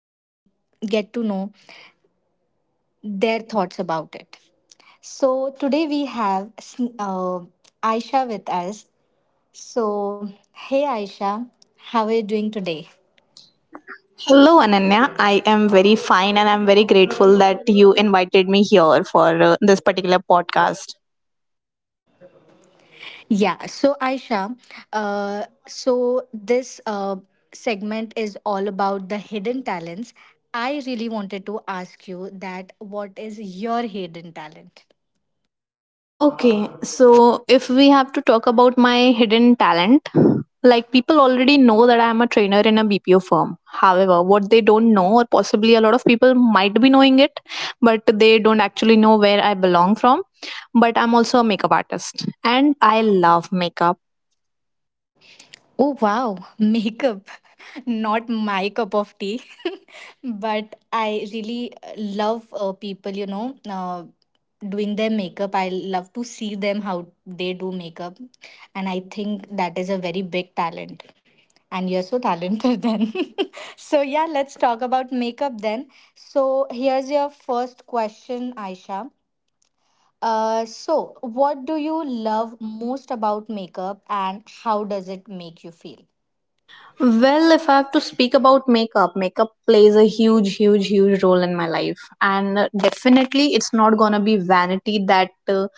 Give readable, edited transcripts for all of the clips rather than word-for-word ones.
and we get to know their thoughts about it. So today we have uh, Aisha with us. So, hey, Aisha, how are you doing today? Hello, Ananya. I am very fine and I'm very grateful that you invited me here for this particular podcast. Yeah. So, Aisha, so this segment is all about the hidden talents. I really wanted to ask you that what is your hidden talent? Okay, so if we have to talk about my hidden talent, like people already know that I am a trainer in a BPO firm. However, what they don't know, or possibly a lot of people might be knowing it, but they don't actually know where I belong from. But I'm also a makeup artist and I love makeup. Oh wow, makeup. Not my cup of tea. But I really love people, doing their makeup. I love to see them how they do makeup. And I think that is a very big talent. And you're so talented then. So, yeah, let's talk about makeup then. So, here's your first question, Aisha. So, what do you love most about makeup and how does it make you feel? Well, if I have to speak about makeup, makeup plays a huge, huge, huge role in my life. And Definitely, it's not gonna be vanity that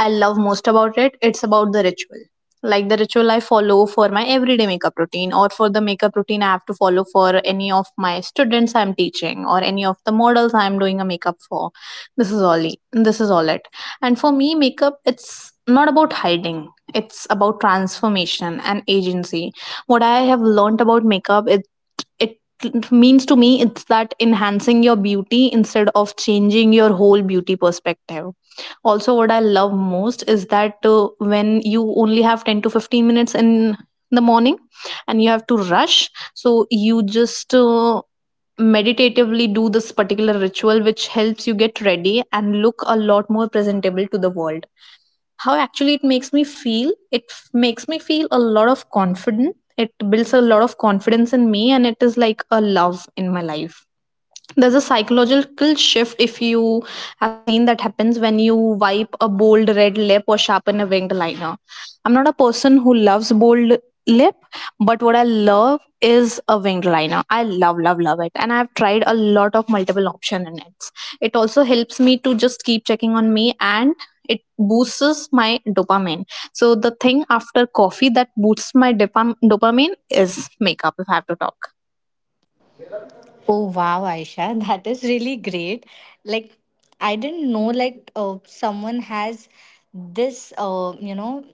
I love most about it, it's about the ritual. Like the ritual I follow for my everyday makeup routine or for the makeup routine I have to follow for any of my students I'm teaching or any of the models I'm doing a makeup for. This is all it. And for me makeup it's not about hiding. It's about transformation and agency. What I have learned about makeup it means to me it's that enhancing your beauty instead of changing your whole beauty perspective. Also, what I love most is that when you only have 10 to 15 minutes in the morning and you have to rush, so you just meditatively do this particular ritual which helps you get ready and look a lot more presentable to the world. How actually it makes me feel, makes me feel a lot of confidence. It builds a lot of confidence in me and it is like a love in my life. There's a psychological shift, if you have seen, that happens when you wipe a bold red lip or sharpen a winged liner. I'm not a person who loves bold lip, but what I love is a winged liner. I love, love, love it. And I've tried a lot of multiple option in it. It also helps me to just keep checking on me and it boosts my dopamine. So the thing after coffee that boosts my dopamine is makeup, if I have to talk. Oh wow, Aisha, that is really great. Like, I didn't know like someone has this uh,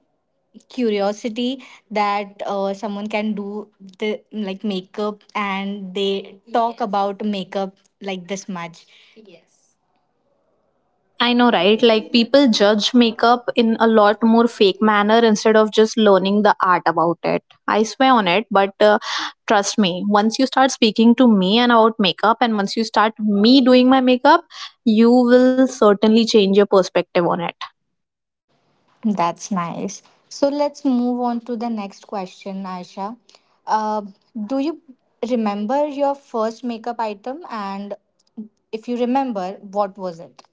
curiosity that someone can do the like makeup and they talk Yes. about makeup like this much. I know, right? Like people judge makeup in a lot more fake manner instead of just learning the art about it. I swear on it, but trust me, once you start speaking to me and about makeup, and once you start me doing my makeup, you will certainly change your perspective on it. That's nice. So let's move on to the next question, Aisha. Uh, do you remember your first makeup item and if you remember, what was it?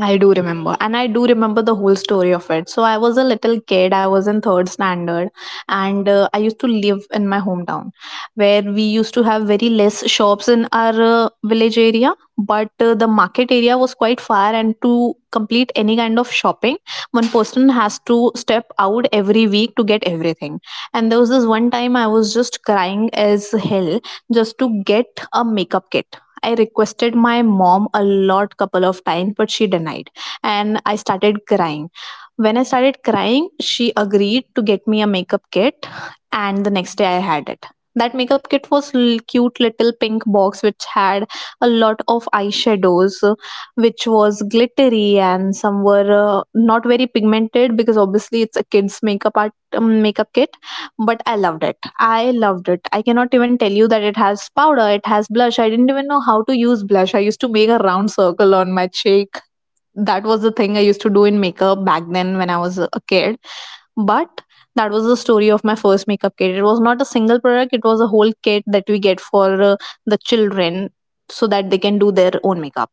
I do remember, and I do remember the whole story of it. So I was a little kid. I was in third standard, and I used to live in my hometown, where we used to have very less shops in our village area. But the market area was quite far, and to complete any kind of shopping, one person has to step out every week to get everything. And there was this one time I was just crying as hell just to get a makeup kit. I requested my mom a lot couple of times, but she denied, and I started crying. When I started crying, she agreed to get me a makeup kit, and the next day I had it. That makeup kit was cute little pink box which had a lot of eyeshadows which was glittery, and some were not very pigmented because obviously it's a kids makeup art makeup kit. But I loved it. I loved it. I cannot even tell you that it has powder, it has blush. I didn't even know how to use blush. I used to make a round circle on my cheek. That was the thing I used to do in makeup back then when I was a kid. But that was the story of my first makeup kit. It was not a single product, it was a whole kit that we get for the children so that they can do their own makeup.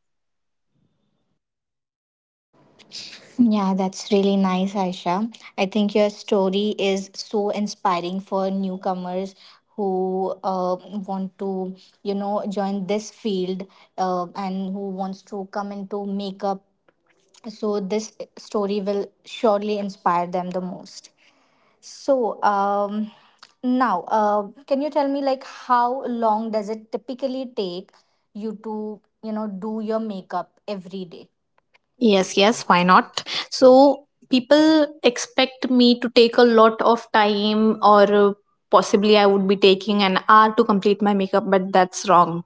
Yeah, that's really nice, Aisha. I think your story is so inspiring for newcomers who want to, you know, join this field and who wants to come into makeup. So this story will surely inspire them the most. So now, can you tell me like how long does it typically take you to, you know, do your makeup every day? Yes, yes, why not? So, people expect me to take a lot of time, or uh, possibly I would be taking an hour to complete my makeup, but that's wrong.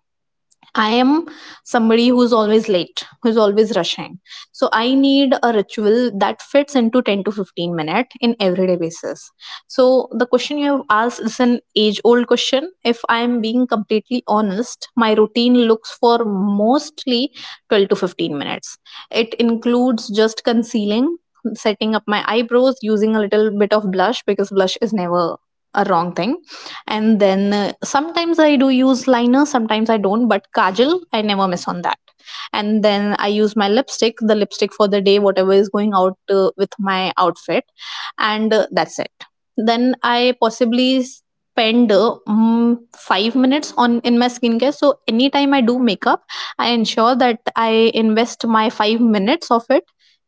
I am somebody who's always late, who's always rushing. So I need a ritual that fits into 10 to 15 minutes in everyday basis. So the question you have asked is an age old question. If I am being completely honest, my routine looks for mostly 12 to 15 minutes. It includes just concealing, setting up my eyebrows, using a little bit of blush because blush is never a wrong thing. And then sometimes I do use liner, sometimes I don't, but kajal I never miss on that. And then I use my lipstick, the lipstick for the day, whatever is going out with my outfit. And that's it. Then I possibly spend 5 minutes on in my skincare. So anytime I do makeup, I ensure that I invest my 5 minutes of it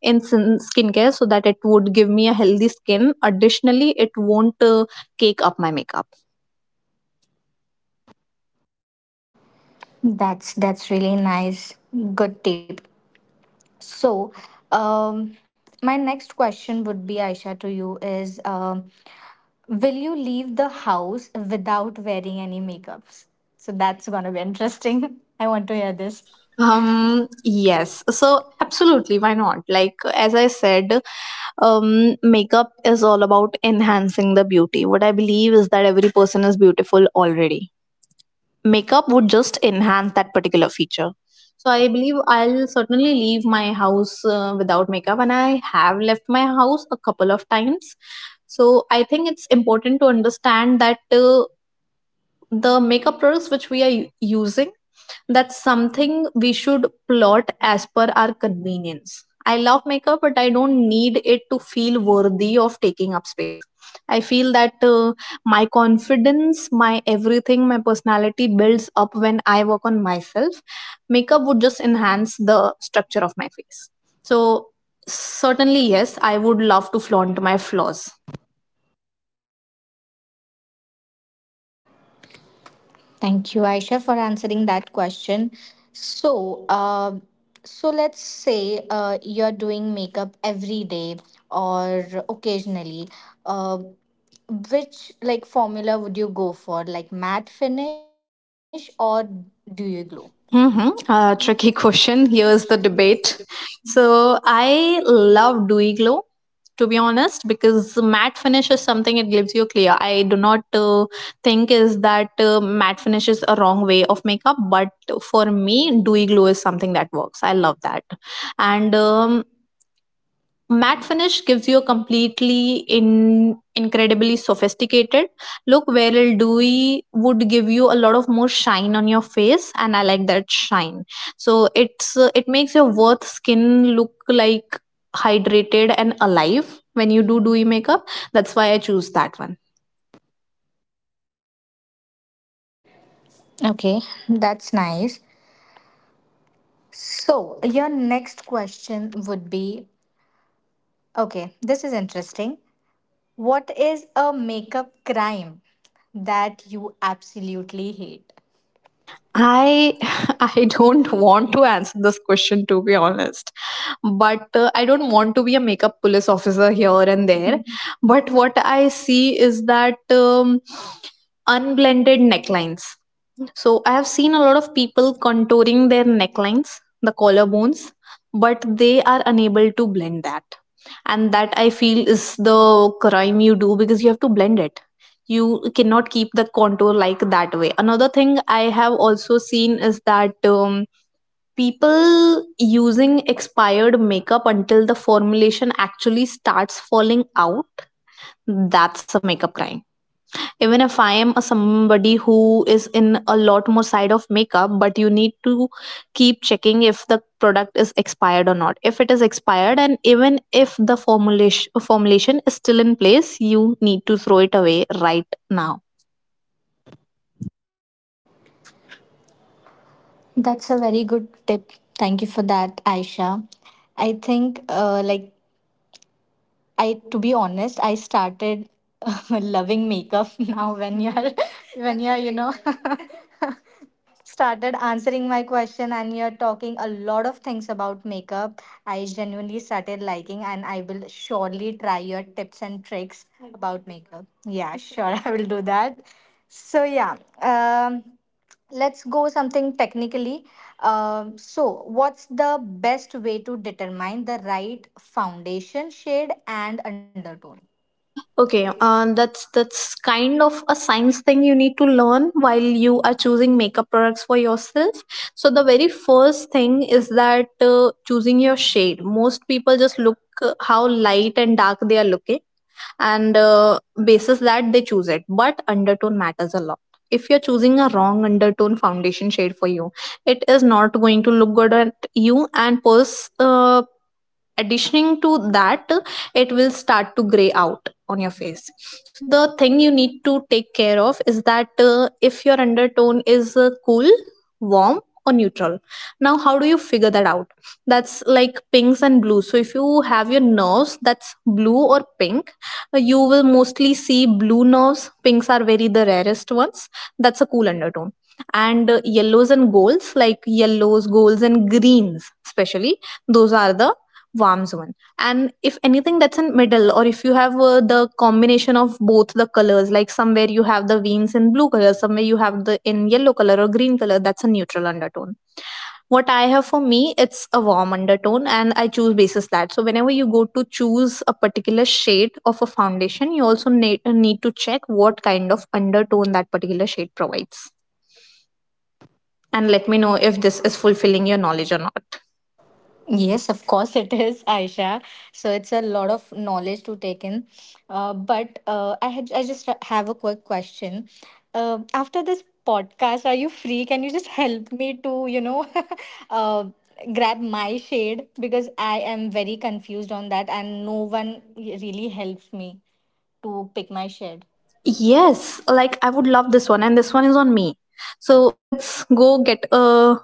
in skincare, so that it would give me a healthy skin. Additionally, it won't cake up my makeup. That's really nice. Good tip. So, um, my next question would be, Aisha, to you is, will you leave the house without wearing any makeups? So that's gonna be interesting. I want to hear this. Yes, so absolutely, why not? Like as I said, makeup is all about enhancing the beauty. What I believe is that every person is beautiful already. Makeup would just enhance that particular feature. So I believe I'll certainly leave my house without makeup, and I have left my house a couple of times. So I think it's important to understand that the makeup products which we are using, that's something we should plot as per our convenience. I love makeup, but I don't need it to feel worthy of taking up space. I feel that my confidence, my everything, my personality builds up when I work on myself. Makeup would just enhance the structure of my face. So, certainly, yes, I would love to flaunt my flaws. Thank you, Aisha, for answering that question. So, so let's say you're doing makeup every day or occasionally. Uh, which like formula would you go for, like matte finish or do you glow? Mm-hmm. Tricky question. Here's the debate. So I love dewy glow, to be honest, because matte finish is something it gives you clear. I do not think is that matte finish is a wrong way of makeup, but for me, dewy glow is something that works. I love that, and matte finish gives you a completely in incredibly sophisticated look, whereas dewy would give you a lot of more shine on your face, and I like that shine. So it's it makes your worth skin look like hydrated and alive when you do dewy makeup. That's why I choose that one. Okay, that's nice. So, your next question would be, okay, this is interesting. What is a makeup crime that you absolutely hate? I I don't want to answer this question, to be honest, but I don't want to be a makeup police officer here and there. Mhm. But what I see is that unblended necklines. So I have seen a lot of people contouring their necklines, the collarbones, but they are unable to blend that. And that I feel is the crime you do because you have to blend it. You cannot keep the contour like that way. Another thing I have also seen is that. People using expired makeup until the formulation actually starts falling out. That's a makeup crime. Even if I am a somebody who is in a lot more side of makeup, but you need to keep checking if the product is expired or not. If it is expired, and even if the formulation is still in place, you need to throw it away right now. That's a very good tip. Thank you for that, Aisha. I think, like, I, to be honest, I started loving makeup now when you're when you're you know started answering my question and you're talking a lot of things about makeup. I genuinely started liking, and I will surely try your tips and tricks about makeup. Yeah, sure, I will do that. So yeah, um let's go something technically. So what's the best way to determine the right foundation shade and undertone? Okay, that's kind of a science thing you need to learn while you are choosing makeup products for yourself. So the very first thing is that choosing your shade. Most people just look how light and dark they are looking, and basis that they choose it. But undertone matters a lot. If you're choosing a wrong undertone foundation shade for you, it is not going to look good at you, and additioning to that it will start to gray out on your face. So the thing you need to take care of is that, if your undertone is cool, warm, or neutral. Now how do you figure that out? That's like pinks and blues. So if you have your nerves that's blue or pink, you will mostly see blue nerves, pinks are very the rarest ones. That's a cool undertone. And yellows and golds, like yellows, golds, and greens especially, those are the warms one. And if anything that's in middle, or if you have the combination of both the colors, like somewhere you have the veins in blue color, somewhere you have the in yellow color or green color, that's a neutral undertone. What I have for me, it's a warm undertone, and I choose basis that. So whenever you go to choose a particular shade of a foundation, you also need to check what kind of undertone that particular shade provides. And let me know if this is fulfilling your knowledge or not. Yes, of course it is, Aisha. So it's a lot of knowledge to take in. But I just have a quick question. After this podcast, are you free? Can you just help me to, you know, uh, grab my shade, because I am very confused on that, and no one really helps me to pick my shade. Yes, like I would love this one, and this one is on me. So let's go get a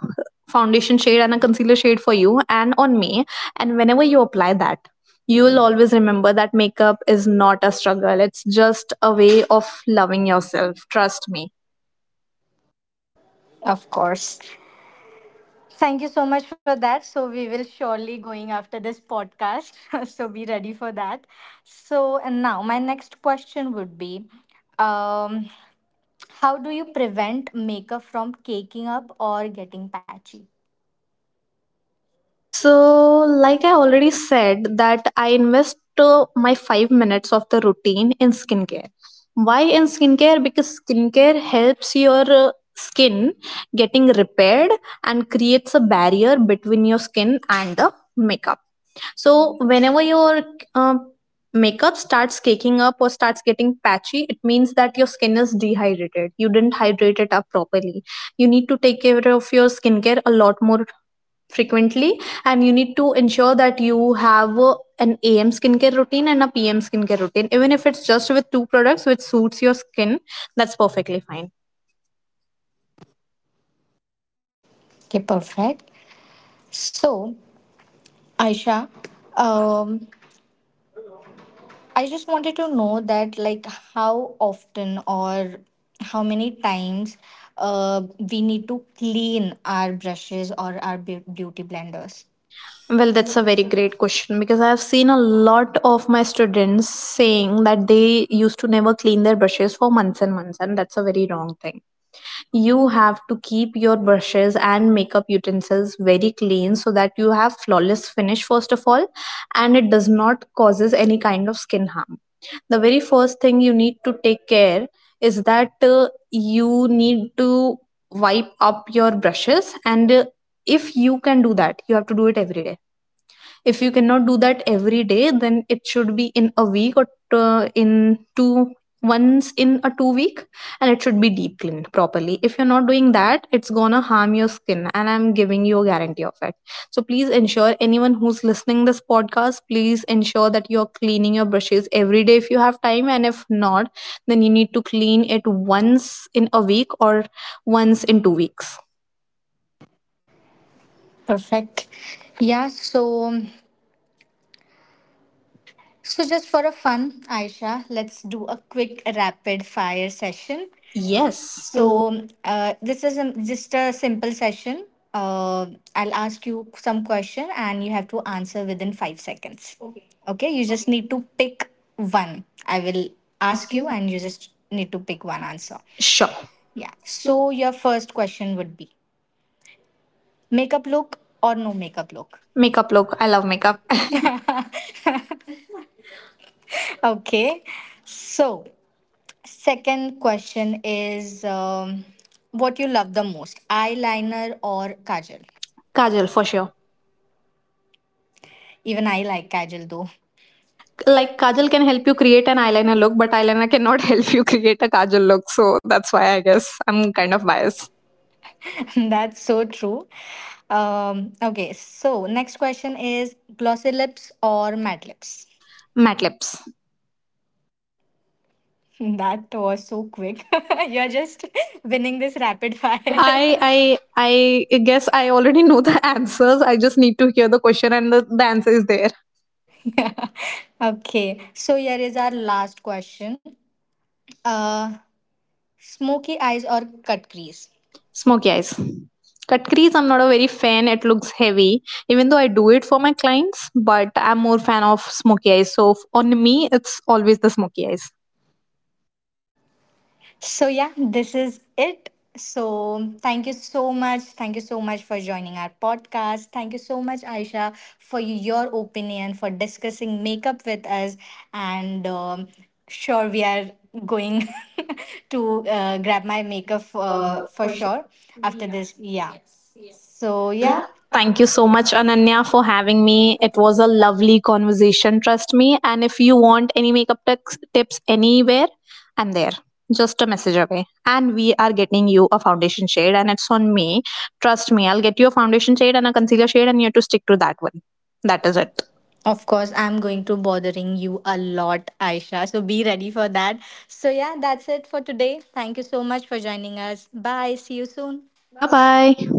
foundation shade and a concealer shade for you, and on me. And whenever you apply that, you will always remember that makeup is not a struggle, it's just a way of loving yourself. Trust me. Of course. Thank you so much for that. So we will surely going after this podcast. So be ready for that. So, and now my next question would be, um, how do you prevent makeup from caking up or getting patchy? So, like I already said, that I invest my 5 minutes of the routine in skincare. Why in skincare? Because skincare helps your skin getting repaired, and creates a barrier between your skin and the makeup. So, whenever your uh, makeup starts caking up or starts getting patchy, it means that your skin is dehydrated. You didn't hydrate it up properly. You need to take care of your skincare a lot more frequently, and you need to ensure that you have an am skincare routine and a pm skincare routine. Even if it's just with two products which suits your skin, that's perfectly fine. Okay, perfect. So, Aisha, um, I just wanted to know that like how often or how many times uh, we need to clean our brushes or our beauty blenders. Well, that's a very great question, because I have seen a lot of my students saying that they used to never clean their brushes for months and months, and that's a very wrong thing. You have to keep your brushes and makeup utensils very clean, so that you have flawless finish first of all, and it does not causes any kind of skin harm. The very first thing you need to take care is that, you need to wipe up your brushes. And if you can do that, you have to do it every day. If you cannot do that every day, then it should be in a week, or in two once in a 2 week. And it should be deep cleaned properly. If you're not doing that, it's gonna harm your skin, and I'm giving you a guarantee of it. So please ensure, anyone who's listening this podcast, please ensure that you're cleaning your brushes every day if you have time, and if not, then you need to clean it once in a week or once in 2 weeks. Perfect. Yeah, so so just for a fun, Aisha, let's do a quick rapid fire session. Yes. So this is a, just a simple session. Uh, I'll ask you some question and you have to answer within 5 seconds. Okay, you just need to pick one. I will ask you and you just need to pick one answer. Sure. Yeah. So your first question would be, makeup look or no makeup look? Makeup look, I love makeup. Okay. So, second question is, what you love the most, eyeliner or kajal? Kajal for sure. Even I like kajal though. Like, kajal can help you create an eyeliner look, but eyeliner cannot help you create a kajal look, so that's why I guess I'm kind of biased. That's so true. Okay, so next question is, glossy lips or matte lips? Matte lips. That was so quick. You're just winning this rapid fire. I, i I i I i guess guess I I. already know the answers, I just need to hear the question and the answer is there. Okay, so here is our last question. Uh, smoky eyes or cut crease? Smoky eyes. Cut crease, I'm not a very fan, it looks heavy. Even though I do it for my clients, but I'm more fan of smoky eyes, so on me it's always the smoky eyes. So, yeah, this is it. So, thank you so much. Thank you so much for joining our podcast. Thank you so much, Aisha, for your opinion, for discussing makeup with us. And sure, we are going to grab my makeup for sure after Yeah. this. Yeah. Yes, yes. So, yeah. Thank you so much, Ananya, for having me. It was a lovely conversation, trust me. And if you want any makeup tips anywhere, I'm there. Just a message away. And we are getting you a foundation shade, and it's on me. Trust me, I'll get you a foundation shade and a concealer shade, and you have to stick to that one. That is it. Of course, I'm going to bothering you a lot, Aisha. So be ready for that. So yeah, that's it for today. Thank you so much for joining us. Bye. See you soon. Bye bye.